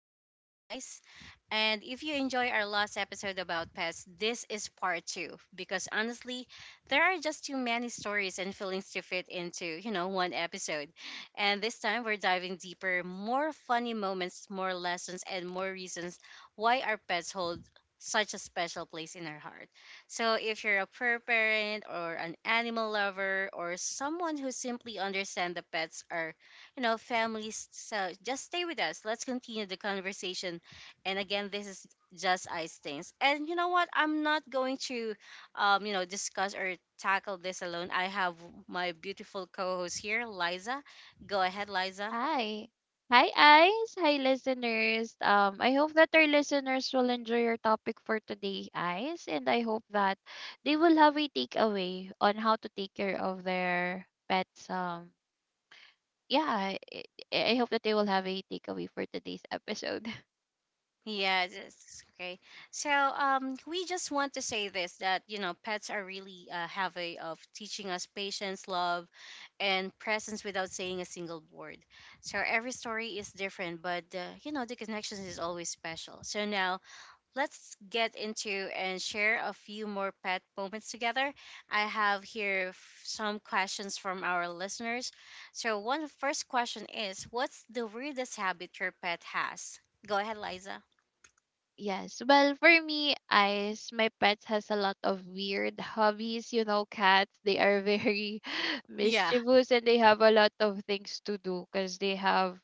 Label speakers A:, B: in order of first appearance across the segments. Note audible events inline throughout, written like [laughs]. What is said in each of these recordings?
A: Things. I'm Ice, and if you enjoy our last episode about pets, this is part two because honestly, there are just too many stories and feelings to fit into one episode. And this time we're diving deeper, more funny moments, more lessons, and more reasons why our pets hold such a special place in our heart. So if you're a fur parent or an animal lover or someone who simply understands the pets are families, so just stay with us. Let's continue the conversation, and again, this is Just Eye Stains, and you know what, I'm not going to discuss or tackle this alone. I have my beautiful co-host here, Liza. Go ahead, Liza.
B: Hi. Hi, Ice. Hi, listeners. I hope that our listeners will enjoy your topic for today, Ice, and I hope that they will have a takeaway on how to take care of their pets. Yeah, I, I hope that they will have a takeaway for today's episode. [laughs]
A: Yeah, it's okay. So, we just want to say this, that you know pets are really, have a of teaching us patience, love, and presence without saying a single word. So every story is different, but, you know, the connection is always special. So now let's get into and share a few more pet moments together. I have here some questions from our listeners. So, one first question is, what's the weirdest habit your pet has? Go ahead, Liza.
B: Yes. Well, for me, Ice, my pets has a lot of weird hobbies. You know, cats, they are very [laughs]
A: Yeah.
B: mischievous and they have a lot of things to do because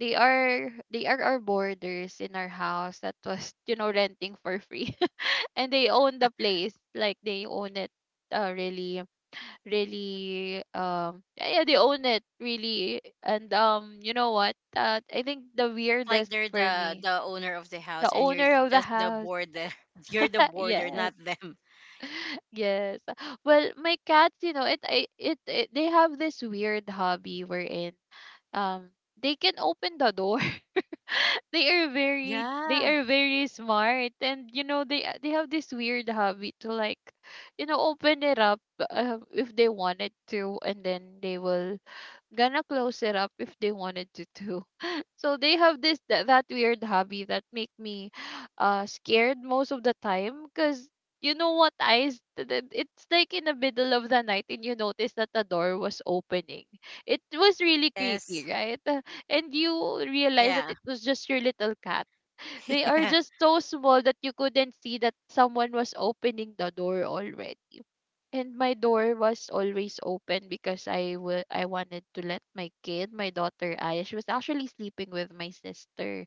B: they are our boarders in our house that was, [laughs] you know, renting for free. [laughs] And they own the place. Like they own it, really really yeah, yeah, they own it really. And you know what? I think the
A: Like
B: weirdest
A: they're
B: for
A: the
B: me
A: the owner of the
B: the
A: house, and you're
B: owner of the
A: just the
B: house.
A: border. [laughs] You're the
B: [laughs]
A: border,
B: Yes,
A: not them.
B: yes. Well, my cats, you know, it, I, it, they have this weird hobby wherein um they can open the door. [laughs] they are very they
A: Yeah.
B: are very smart, and you know they have this weird habit to, like, you know, open it up, if they wanted to, and then they will gonna close it up if they wanted to too. [laughs] So they have that weird hobby that make me scared most of the time, because you know what, eyes, it's like in the middle of the night and you notice that the door was opening. It was really creepy,
A: Yes.
B: right? And you realize that
A: Yeah.
B: it was just your little cat.
A: [laughs]
B: They are
A: Yeah.
B: just so small that you couldn't see that someone was opening the door already. And my door was always open because I wanted to let my kid, my daughter Aya, she was actually sleeping with my sister.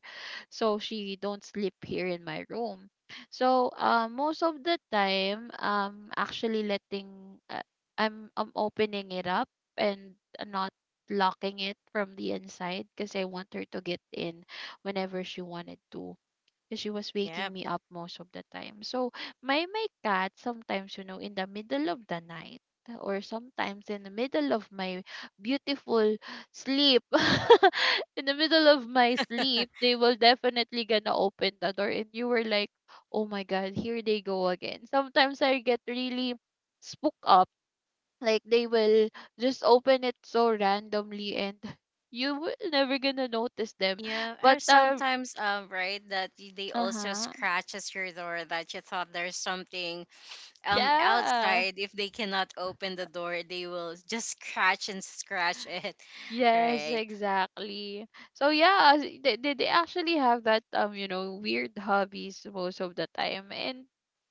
B: So she don't sleep here in my room. So most of the time, actually letting I'm opening it up and not locking it from the inside because I want her to get in whenever she wanted to, because she was waking
A: Yep.
B: me up most of the time. So my cat sometimes, you know, in the middle of the night, or sometimes in the middle of my beautiful sleep, [laughs] in the middle of my sleep, they will definitely gonna open the door, and you were like, oh my god, here they go again. Sometimes I get really spooked up, like they will just open it so randomly and you will never gonna notice them.
A: Yeah,
B: but
A: or
B: uh
A: sometimes, right, that they also
B: uh-huh.
A: scratches your door that you thought there's something
B: Yeah.
A: outside. If they cannot open the door, they will just scratch and scratch it. [laughs]
B: Yes,
A: Right.
B: exactly. So yeah, they actually have that you know, weird hobbies most of the time. And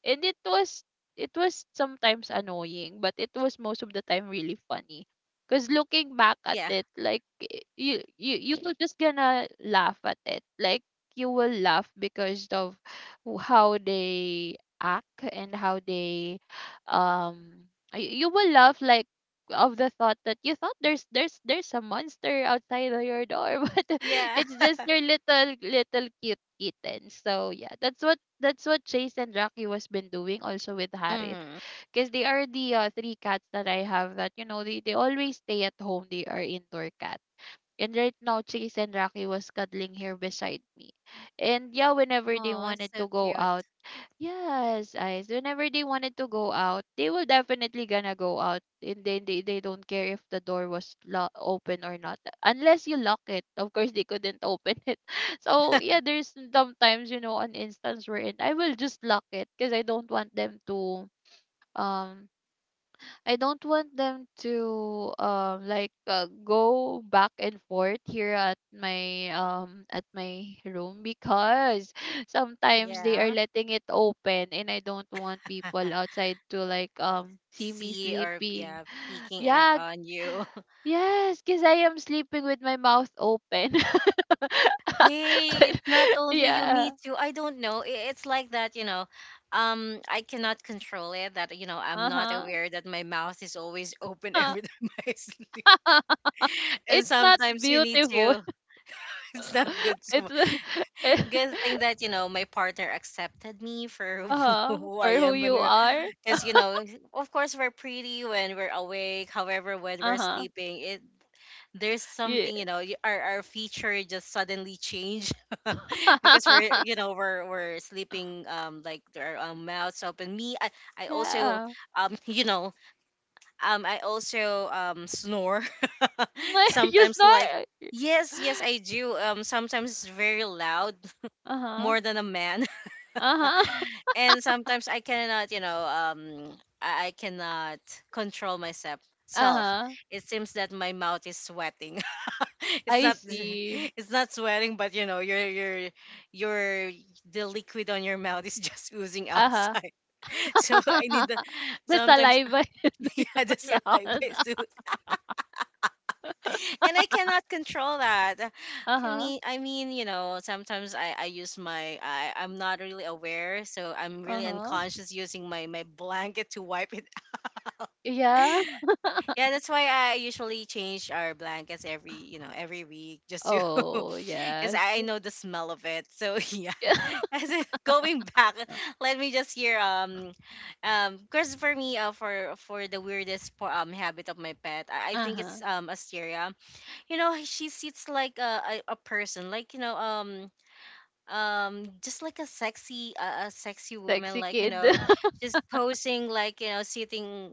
B: and it was it was sometimes annoying, but it was most of the time really funny. Cause looking back at
A: Yeah.
B: it, like, you were just gonna laugh at it. Like, you will laugh because of how they act and how they um you will laugh, like, of the thought that you thought there's a monster outside of your door, [laughs] but
A: Yeah.
B: it's just your little little cute kitten. So yeah, that's what Chase and Rocky was been doing also with Harith,
A: Mm-hmm.
B: because they are the three cats that I have that, you know, they always stay at home. They are indoor cats. And right now, Chase and Rocky was cuddling here beside me. And yeah, whenever they
A: Oh, it's
B: wanted
A: so
B: to go
A: cute.
B: out, yes, eyes. Whenever they wanted to go out, they will definitely gonna go out. And then they don't care if the door was open or not. Unless you lock it. Of course, they couldn't open [laughs] it. So yeah, there's sometimes, you know, an instance wherein I will just lock it because um I don't want them to, like, go back and forth here at my room, because [laughs] sometimes they are
A: Yeah.
B: letting it open, and I don't want people
A: [laughs]
B: outside to, like, see me
A: See, or
B: sleeping.
A: yeah, peeking at,
B: Yeah.
A: on you.
B: [sighs]
A: [laughs]
B: Yes, because I am sleeping with my mouth open.
A: Hey, it's not
B: [laughs]
A: only you, me
B: Yeah.
A: too. I don't know, it's like that, you know, I cannot control it that, you know, I'm not
B: Uh-huh.
A: aware that my mouth is always open every [laughs] time I sleep.
B: [laughs]
A: And
B: It's not
A: sometimes you need
B: beautiful.
A: to [laughs] it's not good
B: [laughs]
A: to.
B: It's
A: Good thing that,
B: [laughs]
A: you know, my partner accepted me for [laughs]
B: uh-huh,
A: who
B: for
A: I
B: who
A: am,
B: you
A: when,
B: are.
A: because you know, of course we're pretty when we're awake. However, when we're
B: Uh-huh.
A: sleeping, it, there's
B: Yeah.
A: something, you know, our feature just suddenly change. [laughs] Because we're, you
B: [laughs]
A: know, we're sleeping, like our, mouths open. Me, I also,
B: Yeah.
A: [laughs] you know, I also snore. [laughs]
B: [laughs] You
A: Sometimes, like,
B: snore.
A: yes, yes I do. Sometimes it's very loud,
B: Uh-huh.
A: more than a man.
B: Uh-huh. [laughs]
A: And sometimes I cannot, you know, I cannot control myself. Self,
B: Uh-huh.
A: it seems that my mouth is sweating. [laughs] It's
B: I
A: not, [laughs]
B: see.
A: it's not sweating, but you know, your the liquid on your mouth is [laughs] just oozing
B: Uh-huh.
A: outside. [laughs] So I need the
B: [laughs] The
A: sometimes.
B: saliva is
A: [laughs]
B: [laughs]
A: Yeah, the
B: going
A: saliva
B: out.
A: is and I cannot control that. I
B: Uh-huh.
A: mean, I mean, you know, sometimes I use my, I'm not really aware, so I'm really
B: Uh-huh.
A: unconscious using my blanket to wipe it.
B: Yeah.
A: [laughs] Yeah, that's why I usually change our blankets every, you know, every week, just to.
B: Oh,
A: [laughs] Because
B: yes.
A: I know the smell of it. So, [laughs] yeah,
B: [laughs]
A: going back, let me just hear, because for me, for the weirdest, habit of my pet, I think it's
B: Uh-huh.
A: Asteria. You know she sits like a person, like you know, just like a sexy woman,
B: Sexy
A: like you
B: kid.
A: know,
B: [laughs]
A: just posing, like you know, sitting,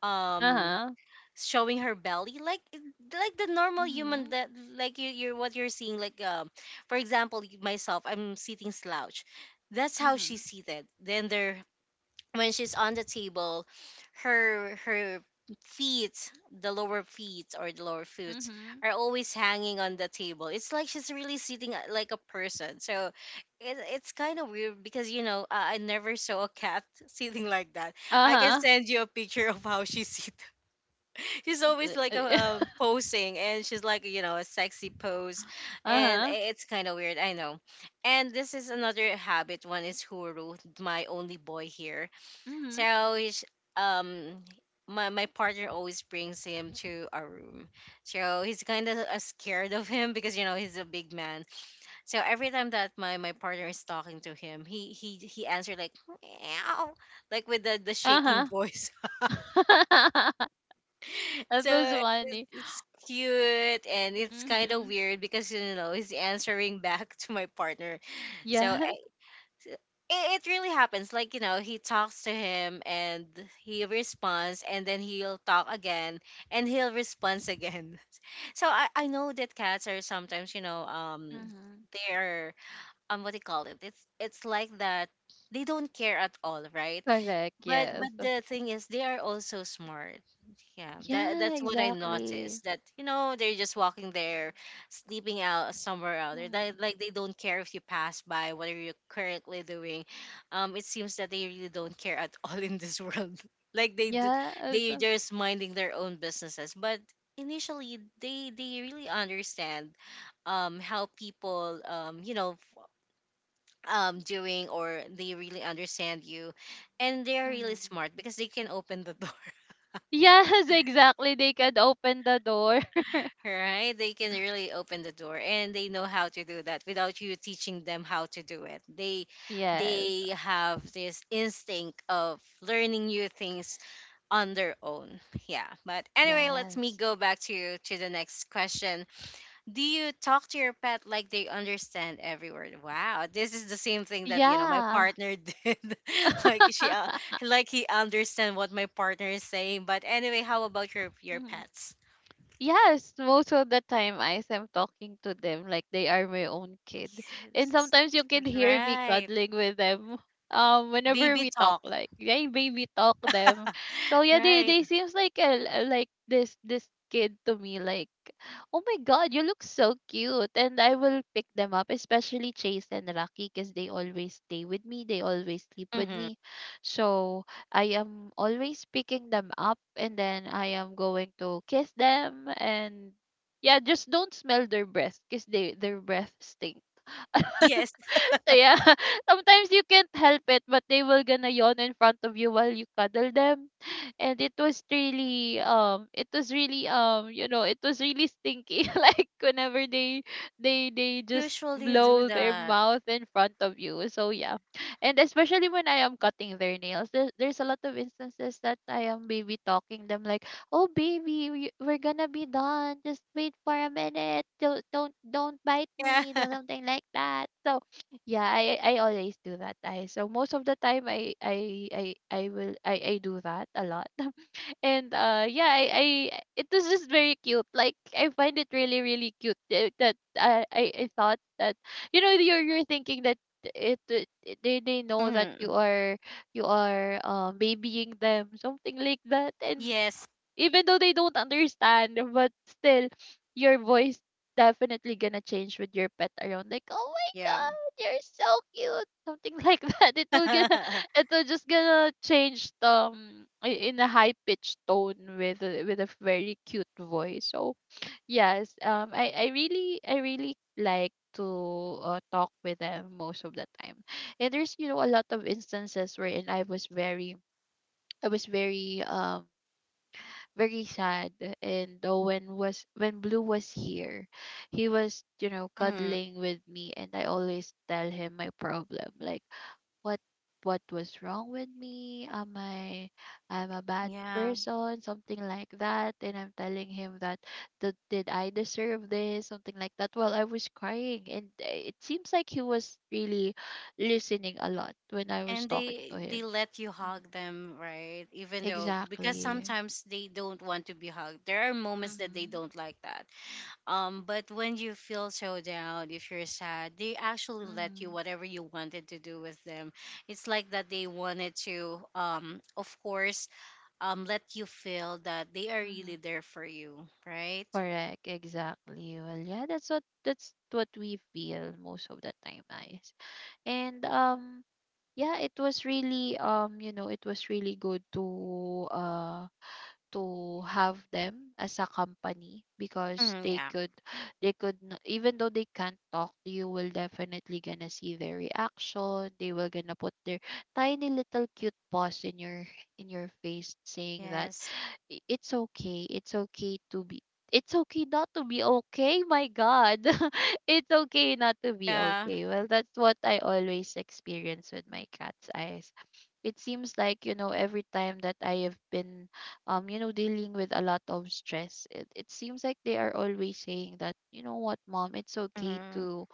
A: um
B: Uh-huh.
A: showing her belly, like, like the normal human
B: Mm-hmm.
A: that, like you're what you're seeing, like, for example, myself, I'm sitting slouch, that's how she's
B: Mm-hmm.
A: seated, then there, when she's on the table, her feet, the lower feet or the lower foot,
B: Mm-hmm.
A: are always hanging on the table. It's like she's really sitting, like a person. So it's kind of weird because you know I never saw a cat [laughs] sitting like that. I can
B: Uh-huh.
A: send you a picture of how she sit. [laughs] She's always like a,
B: Eh [laughs]
A: posing, and she's like you know a sexy pose, and
B: Uh-huh.
A: it's kind of weird. I know. And this is another habit. One is Huru, my only boy here,
B: Mhm.
A: so um my partner always brings him to our room. So he's kind of, scared of him because you know he's a big man. So every time that my partner is talking to him, he answered like meow, like with the shaking
B: Uh-huh.
A: voice.
B: [laughs]
A: [laughs]
B: That was
A: So it's,
B: funny.
A: it's cute, and it's kind of
B: Mhm.
A: weird because you know he's answering back [laughs] to my partner. So
B: Yes.
A: it, it really happens. Like, you know, he talks to him and he responds, and then he'll talk again and he'll respond again. [laughs] So I know that cats are sometimes, you know,
B: Mhm.
A: they're, what do you call it? It's like that they don't care at all, right?
B: Correct.
A: But
B: Yes.
A: but the thing is, they are also smart. Yeah, that
B: Yeah,
A: that's what I
B: exactly.
A: noticed. That you know they're just walking there, sleeping out somewhere out there.
B: Mhm.
A: That, like they don't care if you pass by. What are you currently doing? It seems that they really don't care at [laughs] all in this world. [laughs] Like
B: Yes.
A: they just minding their own businesses. But initially, they really understand, how people, you know doing, or they really understand you, and they're really
B: Mhm.
A: smart because they can open the door. [laughs]
B: Yes, exactly. They can open the door. [laughs]
A: Right, they can really open the door, and they know how to do that without you teaching them how to do it. they
B: Yes.
A: they have this instinct of learning new things on their own. Yeah, but anyway, let me
B: Yes.
A: go back to the next question. Do you talk to your pet like they understand every word? Wow, this is the same thing that you know my
B: Yeah.
A: partner [laughs] did. like she, uh,
B: [laughs]
A: like he understand what my partner is saying. But anyway, how about your
B: Mhm.
A: pets?
B: Yes, most of the time I am talking to them like they are my own kid. And
A: Yes.
B: sometimes you can hear me
A: Right,
B: cuddling with them whenever
A: baby
B: we talk,
A: talk.
B: like, yeah, baby talk them. So yeah, they
A: Right.
B: they seems like like this kid to me, like, oh my god, you look so cute. And I will pick them up, especially Chase and Rocky, because they always stay with me. They always sleep with
A: Mm-hmm.
B: me. So I am always picking them up and then I am going to kiss them. And yeah, just don't smell their breath, because they their breath stink.
A: Yes,
B: [laughs] Yeah, [laughs] sometimes you can't help it, but they will gonna yawn in front of you while you cuddle them, and it was really you know, it was really stinky. [laughs] Like whenever they, they just
A: usually do
B: blow their
A: that.
B: mouth in front of you. So yeah, and especially when I am cutting their nails, there's a lot of instances that I am baby talking them, like, oh baby, we're gonna be done. Just wait for a minute. Don't bite
A: Yeah.
B: me.
A: [laughs]
B: Or something like that. So yeah, I always do that. I so most of the time I will I do that a lot. [laughs] And yeah, I it was just very cute. Like, I find it really really cute that, I thought that, you know, you're thinking that they know that
A: Hmm.
B: you are, babying them, something like that. And
A: Yes.
B: even though they don't understand, but still your voice definitely gonna change with your pet around, like, oh my
A: Yeah.
B: god, you're so cute, something like [laughs] that. It will gonna
A: [laughs]
B: [laughs] it will just gonna change in a high pitched tone, with a very cute voice. So yes, I really like to, talk with them most of the time. And there's, you know, a lot of instances wherein I was very very sad. And when was when Blue was here, he was, you know,
A: Mhm.
B: cuddling with me, and I always tell him my problem, like, what what was wrong with me, am I, I'm a bad
A: Yeah.
B: person, something like that. And I'm telling him that, did I deserve this, something like that, while I was crying. And it seems like he was really listening a lot when I was
A: And
B: talking
A: they
B: to
A: they
B: him.
A: let you
B: Mhm.
A: hug them, right? Even though, because
B: Exactly.
A: sometimes they don't want to be hugged, there are moments that they
B: Mm-hmm.
A: don't like that. But when you feel so down, if you're sad, they actually let you whatever you wanted to do with them. It's like that they wanted to, of course, let you feel that they are really
B: Mm-hmm.
A: there for you. Right.
B: Correct, exactly. Well, yeah, that's what we feel most of the time, guys. And yeah, it was really you know, it was really good to have them as a company, because
A: Mm,
B: they
A: yeah.
B: could, they could even though they can't talk, you will definitely gonna see their reaction. They will gonna put their tiny little cute paws in your face, saying that,
A: Yes.
B: it's okay, it's okay to be, it's okay not to be okay, my god," [laughs] it's okay not to be
A: Yeah.
B: okay. Well, that's what I always experience with my cats. I It seems like, you know, every time that I have been, you know, dealing with a lot of stress, it seems like they are always saying that, you know what, mom,
A: Hmm.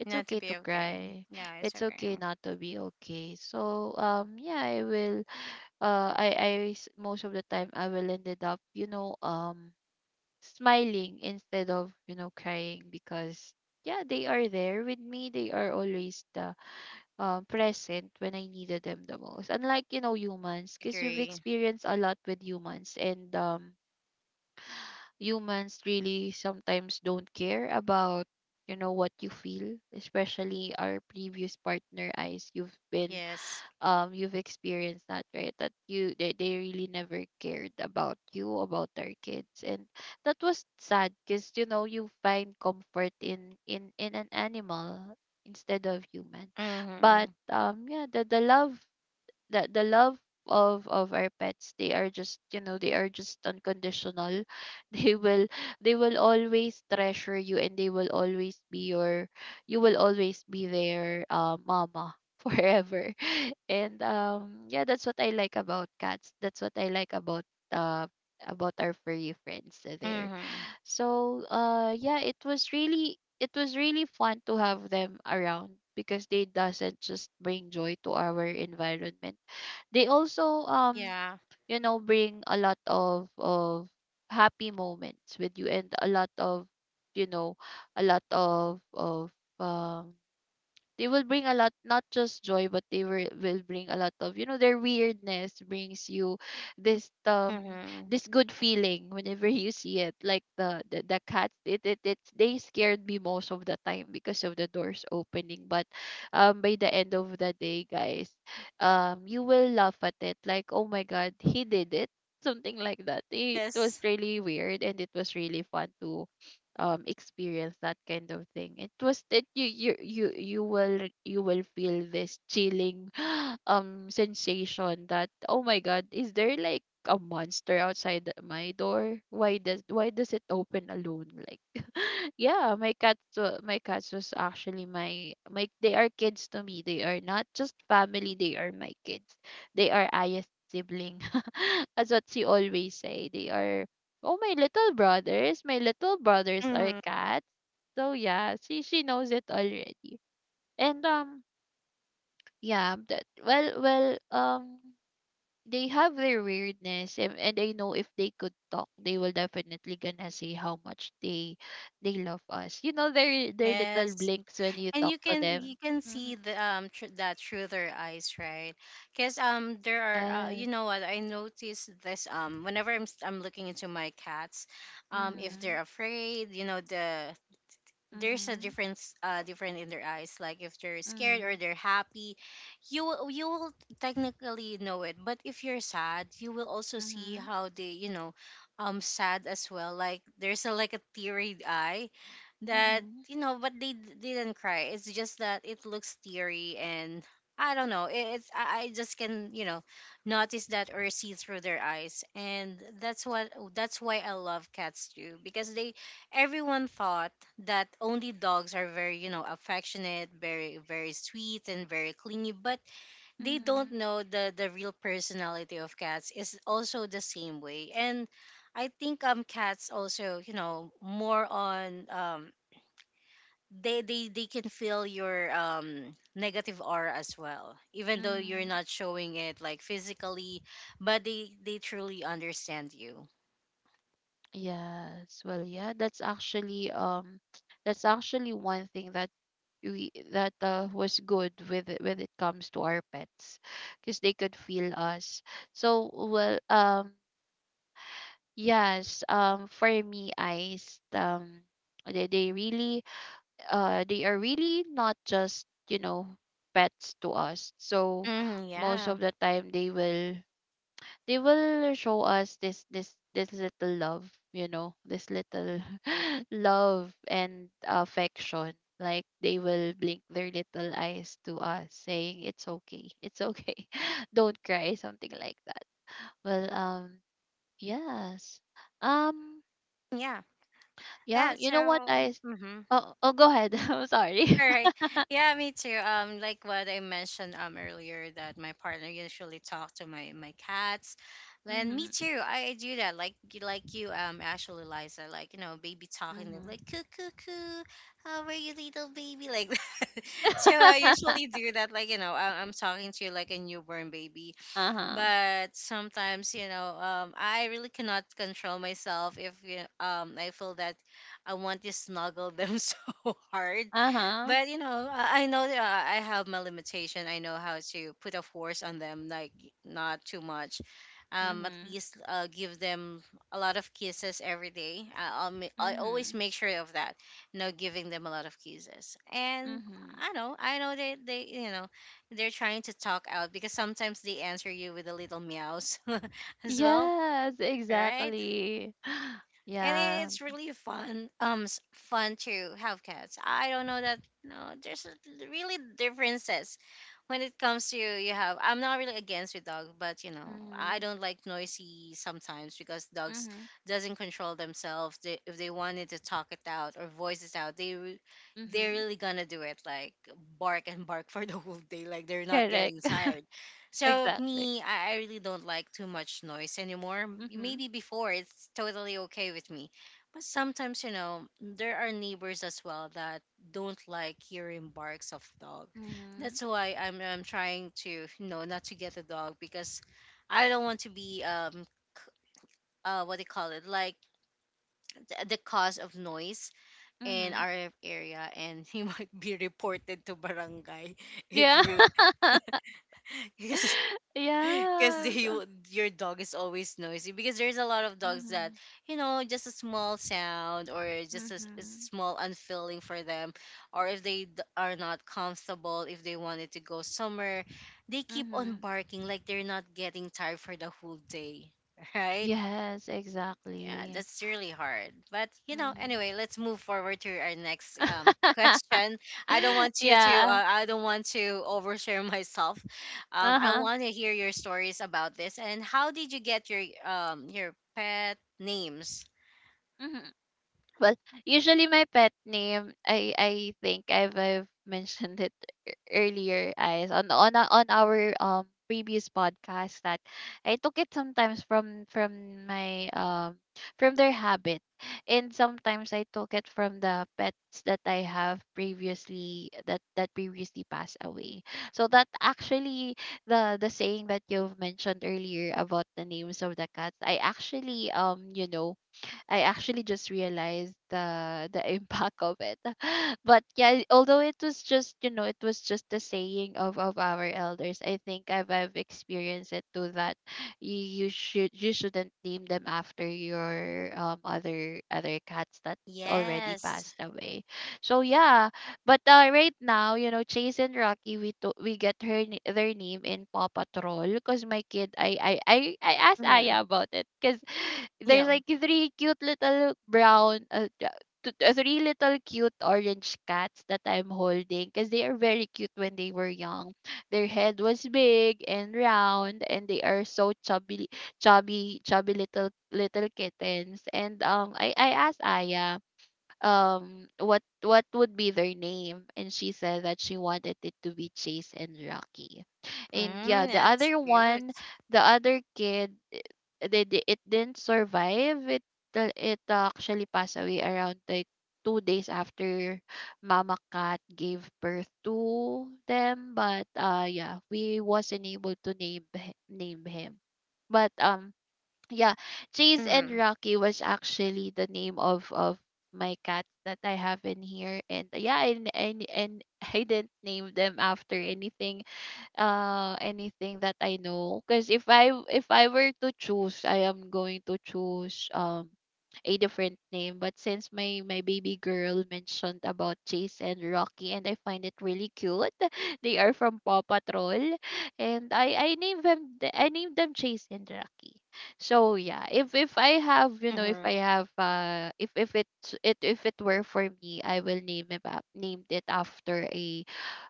B: it's
A: Not to
B: okay to
A: be okay.
B: cry,
A: Yeah, it's
B: it's
A: okay.
B: okay not to be okay. So yeah, I will, most of the time I will ended up, you know, smiling instead of, you know, crying, because yeah, they are there with me. They are always the, present when I needed them the most. Unlike, you know, humans, because we've
A: Agree.
B: experienced a lot with humans, and humans really sometimes don't care about, you know, what you feel, especially our previous partner eyes. You've been
A: Yes.
B: you've experienced that, right? That you, they really never cared about you, about their kids. And that was sad because, you know, you find comfort in in an animal instead of human. But
A: Mm-hmm.
B: yeah, the love, the love of our pets, they are just, you know, they are just unconditional. [laughs] they will they will always treasure you, and they will always be your, you will always be their mama [laughs] forever. And yeah, that's what I like about cats. That's what I like uh about our furry friends there.
A: Mm-hmm.
B: So yeah, it was really fun to have them around because they doesn't just bring joy to our environment. They also,
A: Yeah.
B: you know, bring a lot of happy moments with you, and a lot of, you know, a lot of of um they will bring a lot, not just joy, but they will bring a lot of, you know, their weirdness brings you this
A: Mm-hmm.
B: this good feeling whenever [laughs] you see it. Like the cats, it's they scared me most of the time because of the doors opening. But by the end of the day, guys, you will laugh at it, like, oh my god, he did it, something like that. It was
A: Yes.
B: really weird, and it was really fun to experience that kind of thing. It was that you will you will feel this chilling [gasps] sensation that, oh my god, is there like a monster outside my door? Why does it open alone? Like, [laughs] yeah, my cats was actually my they are kids to me. They are not just family, they are my kids. They are highest sibling. [laughs] That's what she always say. They are, oh, my little brothers are
A: Mm-hmm.
B: cats. So yeah, she knows it already. And yeah, that well, they have their weirdness, and I know if they could talk, they will definitely gonna say how much they love us. You know their little
A: Yes.
B: blinks when you
A: And
B: talk
A: you
B: to
A: can
B: them.
A: you can see
B: Mm-hmm.
A: the, that through their eyes, right? Because, there are, you
B: Yes.
A: know what I noticed this, whenever I'm looking into my cats, if
B: Mhm.
A: they're afraid, you know there's a
B: Mhm.
A: difference, different in their eyes, like if they're scared or
B: Mhm.
A: they're happy. You will technically know it. But if you're sad, you will also see
B: Mhm.
A: how they, you know, sad as well, like there's a, like a teary eye that,
B: Mhm.
A: you know, but didn't cry. It's just that it looks teary, and I don't know, it's, I just can, you know, notice that or see through their eyes. And that's why I love cats too, because they everyone thought that only dogs are very, you know, affectionate, very very sweet and very clingy, but they don't
B: Mhm.
A: know, the real personality of cats is also the same way, and I think, cats also, you know, more on, they can feel your, negative aura as well, even though you're
B: Mhm.
A: not showing it, like, physically, but they truly understand you.
B: Yes. Well, yeah, that's actually that's actually one thing that we that was good with when it comes to our pets, because they could feel us. So, well, yes, for me eyes, they really they are really not just, you know, pets to us. So,
A: Hmm. Yeah.
B: most of the time they will show us this this little love, you know, this little [laughs] love and affection. Like they will blink their little eyes to us saying it's okay, it's okay, [laughs] don't cry, something like that. Well, yes. um
A: Yeah.
B: yeah
A: Yeah,
B: you know what
A: so.
B: i s-
A: Mhm.
B: Oh, oh, go ahead. [laughs] I'm sorry.
A: All
B: [laughs]
A: right. Yeah, me too. Like what I mentioned earlier, that my partner usually talk to my cats. And me
B: Mhm.
A: too. I do that. Like like you, actually, Liza, like you know, baby talking they're
B: Mhm.
A: like coo coo coo. How are you, little baby? Like [laughs] that. So I usually
B: [laughs]
A: do that. Like you know, I'm talking to like a newborn baby.
B: Uh-huh.
A: But sometimes, you know, I really cannot control myself if, you know, I feel that I want to snuggle them [laughs] so hard.
B: Uh-huh.
A: But you know, I know that I have my limitation. I know how to put a force on them, like, not too much. At
B: Mhm.
A: least, give them a lot of kisses every day. I always
B: Mhm.
A: make sure of that, you know, giving them a lot of kisses. And
B: Mhm.
A: I know they're trying to talk out because sometimes they answer you with a little meows [laughs] as well.
B: Yes,
A: Right.
B: exactly. [gasps]
A: And
B: Yeah.
A: it's really fun, fun to have cats. I don't know that, no, there's really differences when it comes to you have. I'm not really against with dog, but you know, I
B: Mhm.
A: don't like noisy sometimes because dogs
B: Mhm.
A: doesn't control themselves. If they wanted to talk it out or voice it out, they're
B: Mhm.
A: really gonna do it, like bark and bark [laughs] for the whole day, like they're not
B: Correct.
A: getting tired.
B: [laughs]
A: So
B: Exactly.
A: me, I really don't like too much noise anymore.
B: Mhm.
A: Maybe before it's totally okay with me, but sometimes you know, there are neighbors as well that don't like hearing barks of dog.
B: Mhm.
A: That's why I'm trying to, you know, not to get a dog because I don't want to be c- what do you call it, like the cause of noise in
B: Mhm.
A: our area, and he [laughs] might be reported to barangay if
B: Yeah.
A: you
B: [laughs]
A: [laughs] [laughs] because
B: Yes.
A: you, your dog is always noisy because there's a lot of dogs that,
B: Mhm.
A: you know, just a small sound or just a
B: Mhm.
A: small unfeeling for them, or if are not comfortable, if they wanted to go somewhere, they keep on
B: Mhm.
A: barking like they're not getting tired for the whole day. [laughs] Right.
B: Yes,
A: Yeah,
B: exactly.
A: that's really hard. But you know,
B: Mhm.
A: anyway, let's move forward to our next [laughs]
B: [laughs]
A: question. I don't want you to
B: Yeah.
A: I don't want to overshare myself. I
B: Uh-huh.
A: want to hear your stories about this and how did you get your pet names?
B: Mhm. Well, usually my pet name, I think I've [laughs] mentioned it earlier, as on our previous podcast, that I took it sometimes from my from their habit, and sometimes I took it from the pets that I have previously that previously passed away. So that actually, the saying that you've mentioned earlier about the names of the cats, I actually, you know, I actually just realized the [laughs] impact of it. [laughs] But yeah, although it was just, you know, it was just the saying of our elders, I think I've experienced it too, that you shouldn't name them after your other cats that already
A: Yes.
B: passed away. So yeah, but right now, you know, Chase and Rocky, we get their name in Paw Patrol because my kid, I asked
A: Hmm.
B: Aya about it because [sighs] there's
A: Yeah.
B: like three cute little brown, three little cute orange cats that I'm holding because they are very cute when they were young. Their head was big and round, and they are so chubby, chubby little kittens. And I asked Aya what would be their name, and she said that she wanted it to be Chase and Rocky. And yeah,
A: Mm,
B: the
A: that's
B: other one,
A: cute.
B: the other kid eh, it didn't survive. It it actually passed away around like 2 days after Mama Cat gave birth to them. But yeah, we wasn't able to name him. But yeah, Chase and
A: Mm-hmm.
B: Rocky was actually the name of my cats that I have in here. And yeah, and [laughs] I didn't name them after anything, anything that I know, because if I were to choose, I am going to choose a different name. But since my baby girl mentioned about Chase and Rocky, and I find it really cute, [laughs] they are from Paw Patrol, and I named them Chase and Rocky. So yeah, if I have, you know,
A: Mm-hmm.
B: if I have if it it if it were for me, I will named it after a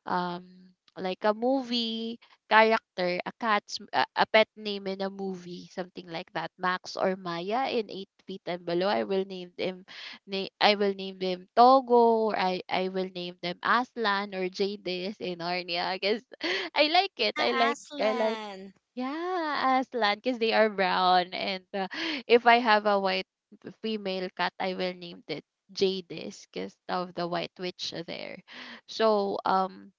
B: like a movie character, a pet name in a movie, something like that. Max or Maya in Eight Feet and Below, I will name them. I will name them Togo, or I will name them Aslan or Jadis in Narnia, because [laughs] I like it. I like.
A: Aslan.
B: Yeah, Aslan, because they are brown. And [laughs] if I have a white female cat, I will name it Jadis, because of the white witch there. So,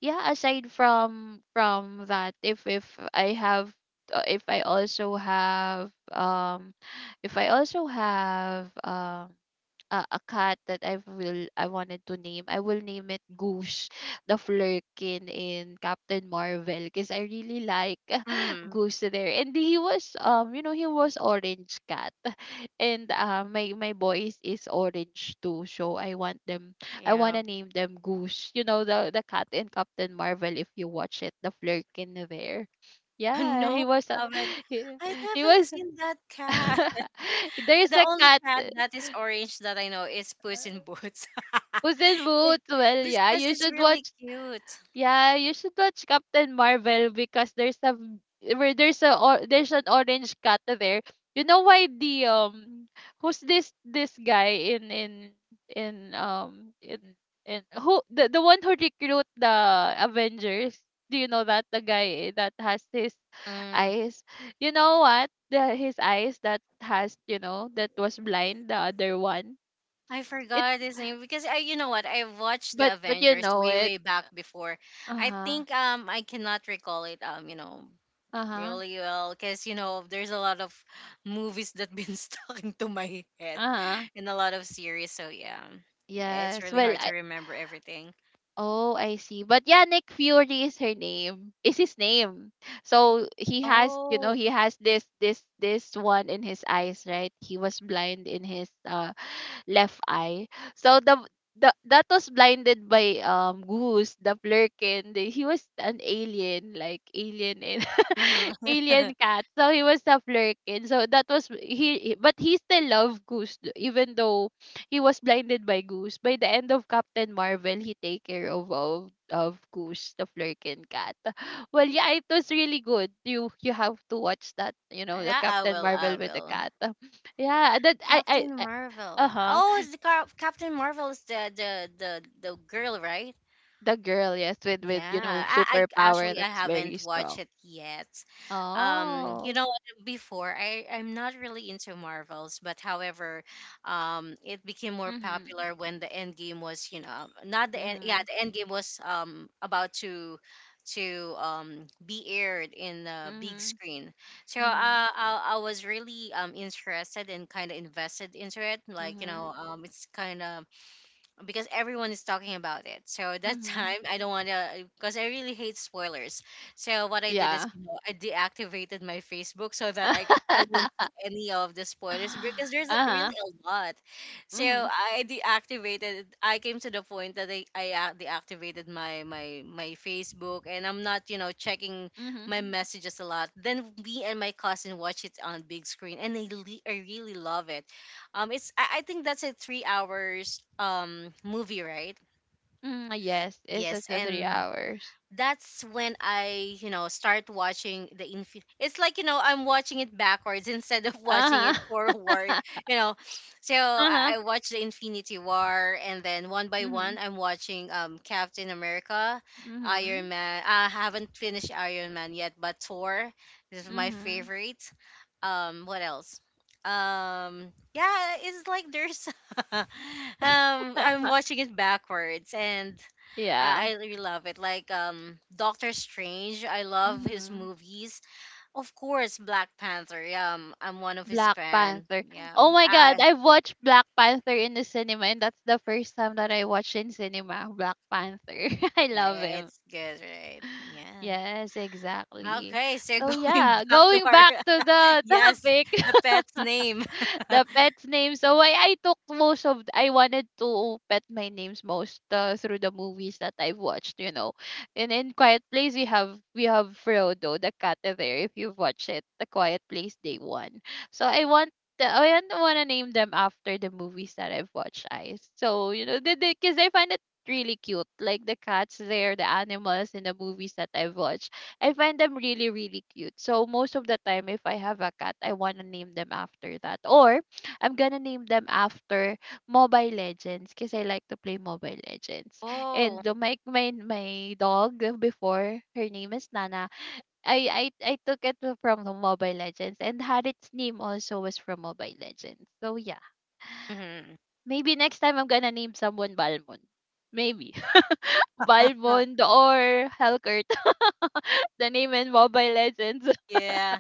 B: yeah, aside from that, if I have if I also have if i also have um a cat that I wanted to name, I will name it Goose, [laughs] the flurkin in Captain Marvel, because I really like [laughs]
A: Mm.
B: Goose there. And he was, you know, he was orange cat. And my boys is orange too, so I want them. I
A: Yeah.
B: wanna name them Goose. You know, the cat in Captain Marvel. If you watch it, the Flurkin there.
A: [laughs]
B: Yeah, he
A: No,
B: was. A,
A: I haven't.
B: [laughs] he,
A: I
B: he
A: haven't
B: was.
A: seen that cat.
B: [laughs] There's
A: The
B: a
A: only
B: cat.
A: cat that is orange that I know is Puss in Boots. [laughs]
B: Was in
A: Eh,
B: Boots. Well, yeah,
A: because
B: you
A: it's
B: should
A: really
B: watch.
A: cute.
B: Yeah, you should watch Captain Marvel, because there's a v- where there's there's an orange cat there. You know why the who's this guy in who, the one who recruit the Avengers? Do you know that the guy that has his
A: Mm,
B: eyes? You know what? The his eyes that has, you know, that was blind. The other one.
A: I
B: It
A: forgot his name because I, you know what, I watched the
B: but you
A: Avengers
B: know
A: way
B: it.
A: way back before.
B: Uh
A: I
B: huh.
A: think I cannot recall it, you know,
B: Uh huh.
A: really well because you know there's a lot of movies that been [laughs] stuck into my
B: Uh
A: head
B: huh.
A: and a lot of series. So yeah, it's
B: Yes.
A: really
B: Well,
A: hard to
B: I
A: remember everything.
B: Oh, I see. But yeah, Nick Fury is her name. Is his name. So he has, you know,
A: Oh.
B: he has this one in his eyes, right? He was blind in his left eye. So the that was blinded by Goose, the Blurkin. The, he was an alien, like alien and [laughs]
A: Mhm.
B: alien
A: [laughs]
B: cat. So he was a flurkin. So that was he, but he still loved Goose even though he was blinded by Goose. By the end of Captain Marvel, he take care of of Goose, the Flurkin cat. [laughs] Well, yeah, it was really good. You have to watch that. You know, the
A: Yeah, I
B: Captain
A: will. I
B: Marvel with the
A: will.
B: cat. [laughs] Yeah, that I
A: Captain Marvel.
B: Uh huh.
A: Oh, Captain Marvel is the the girl, right?
B: The girl, yes, with you know,
A: Yeah, I
B: superpower
A: actually I
B: that's very
A: haven't
B: strong.
A: watched it yet. You
B: Oh.
A: know, what, before I'm not really into Marvels, but however, it became more
B: Mhm.
A: popular when the end game was, you know, not the end, yeah,
B: Mhm.
A: the end game was about to be aired in the big
B: Mhm.
A: screen. So
B: Mhm.
A: I was really interested and kind of invested into it. Like you know,
B: Mhm.
A: it's kind of because everyone is talking about it. So that [laughs]
B: Mhm.
A: time I don't want to because I really hate spoilers. So what I did is,
B: Yeah.
A: you know, I deactivated my Facebook so that I won't see
B: [laughs]
A: any of the spoilers because there's
B: Uh-huh.
A: really a lot. So
B: Mhm.
A: I deactivated. I came to the point that deactivated my my Facebook and I'm not, you know, checking
B: Mhm.
A: my messages a lot. Then me and my cousin watch it on big screen and I really love it. It's I think that's a 3 hours movie, right?
B: Mhm. Yes, it's
A: Yes,
B: up to three
A: and
B: hours.
A: that's when I, you know, start watching it's like, you know, I'm watching it backwards [laughs] instead of watching
B: Uh-huh.
A: it forward,
B: [laughs]
A: [laughs] you know. So
B: Uh-huh.
A: I watched the Infinity War and then one by one
B: Mhm.
A: I'm watching Captain America, Iron
B: Mhm.
A: Man. I haven't finished Iron Man yet, but Thor is my
B: Mhm.
A: favorite. Um, what else? Um, yeah, it's like there's [laughs] um I'm
B: [laughs]
A: watching it backwards. And
B: Yeah.
A: I really love it. Like Doctor Strange, I love his
B: Mhm.
A: movies. Of course, Black Panther. Yeah, I'm one of his
B: Black
A: fan.
B: Panther.
A: Yeah,
B: Oh my god,
A: I
B: I've watched Black Panther in the cinema, and that's the first time that I watched in cinema Black Panther. [laughs] I
A: yeah,
B: love
A: yeah,
B: him.
A: it's good, right? Yeah.
B: Yes, exactly.
A: Okay, so
B: So
A: [laughs] going
B: yeah,
A: back to
B: going
A: our
B: back to the
A: [laughs]
B: [laughs]
A: yes,
B: topic.
A: the pet's name.
B: [laughs] The
A: [laughs]
B: pet's name. So I took most of I wanted to pet my names most, through the movies that I've watched, you know. And in Quiet Place, we have Frodo, the cat there, if you've watched it, the Quiet Place Day One. So I don't want to name them after the movies that I've watched, I. So, you know, because 'cause I find it really cute. Like the cats there, the animals in the movies that I've watched, I find them really, really cute. So most of the time, if I have a cat, I wanna name them after that. Or I'm gonna name them after Mobile Legends, because I like to play Mobile Legends.
A: Oh,
B: And my dog before, her name is Nana. I I took it from the Mobile Legends, and Harriet's name also was from Mobile Legends. So yeah,
A: mhm.
B: maybe next time I'm gonna name someone Balmond. Maybe [laughs] Balmond or Hellcurt. [laughs] The name in Mobile Legends.
A: Yeah.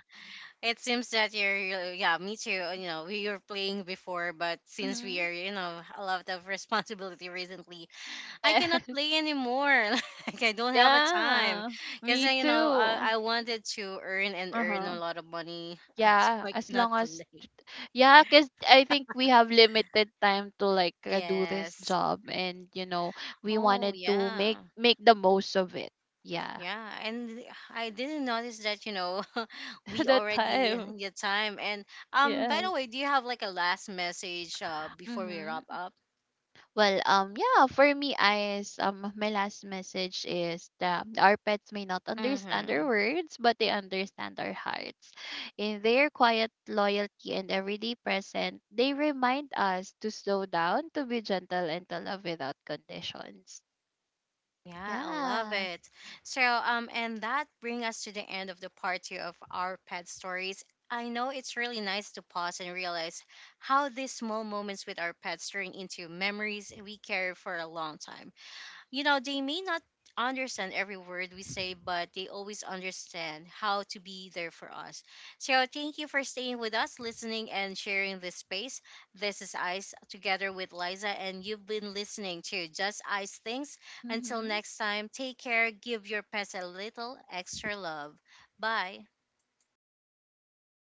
A: It seems that yeah, me too. You know, we were playing before, but since we
B: Mhm.
A: are, you know, a lot of responsibility recently, I cannot
B: Yes. [laughs]
A: play anymore. [laughs] Like I don't have a time,
B: Yeah.
A: because
B: Me
A: you know I
B: too.
A: I wanted to earn and earn
B: Uh-huh.
A: a lot of money, [laughs] so
B: Yeah,
A: I
B: as
A: cannot
B: long as,
A: play.
B: yeah, 'cause I think we have limited time to, like, do this
A: Yes.
B: job, and you know, we
A: Oh
B: wanted to
A: yeah,
B: make the most of it. Yeah.
A: yeah. And I didn't notice that, you know, [laughs]
B: [laughs]
A: we
B: The
A: already
B: time.
A: get time. And by
B: Yes.
A: the way, do you have like a last message before we wrap
B: Mhm.
A: up?
B: Well, yeah, for me, I is my last message is that our pets may not understand our
A: Mm-hmm.
B: words, but they understand our hearts. In their quiet loyalty and everyday present, they remind us to slow down, to be gentle, and to love without conditions.
A: Yeah, I love
B: Yes.
A: it. So, and that brings us to the end of the part 2 of our pet stories. I know it's really nice to pause and realize how these small moments with our pets turn into memories we carry for a long time. You know, they may not understand every word we say, but they always understand how to be there for us. So, thank you for staying with us, listening, and sharing this space. This is Ice together with Liza, and you've been listening to Just Ice Things. Until
B: Mm-hmm.
A: next time, take care, give your pets a little extra love. Bye.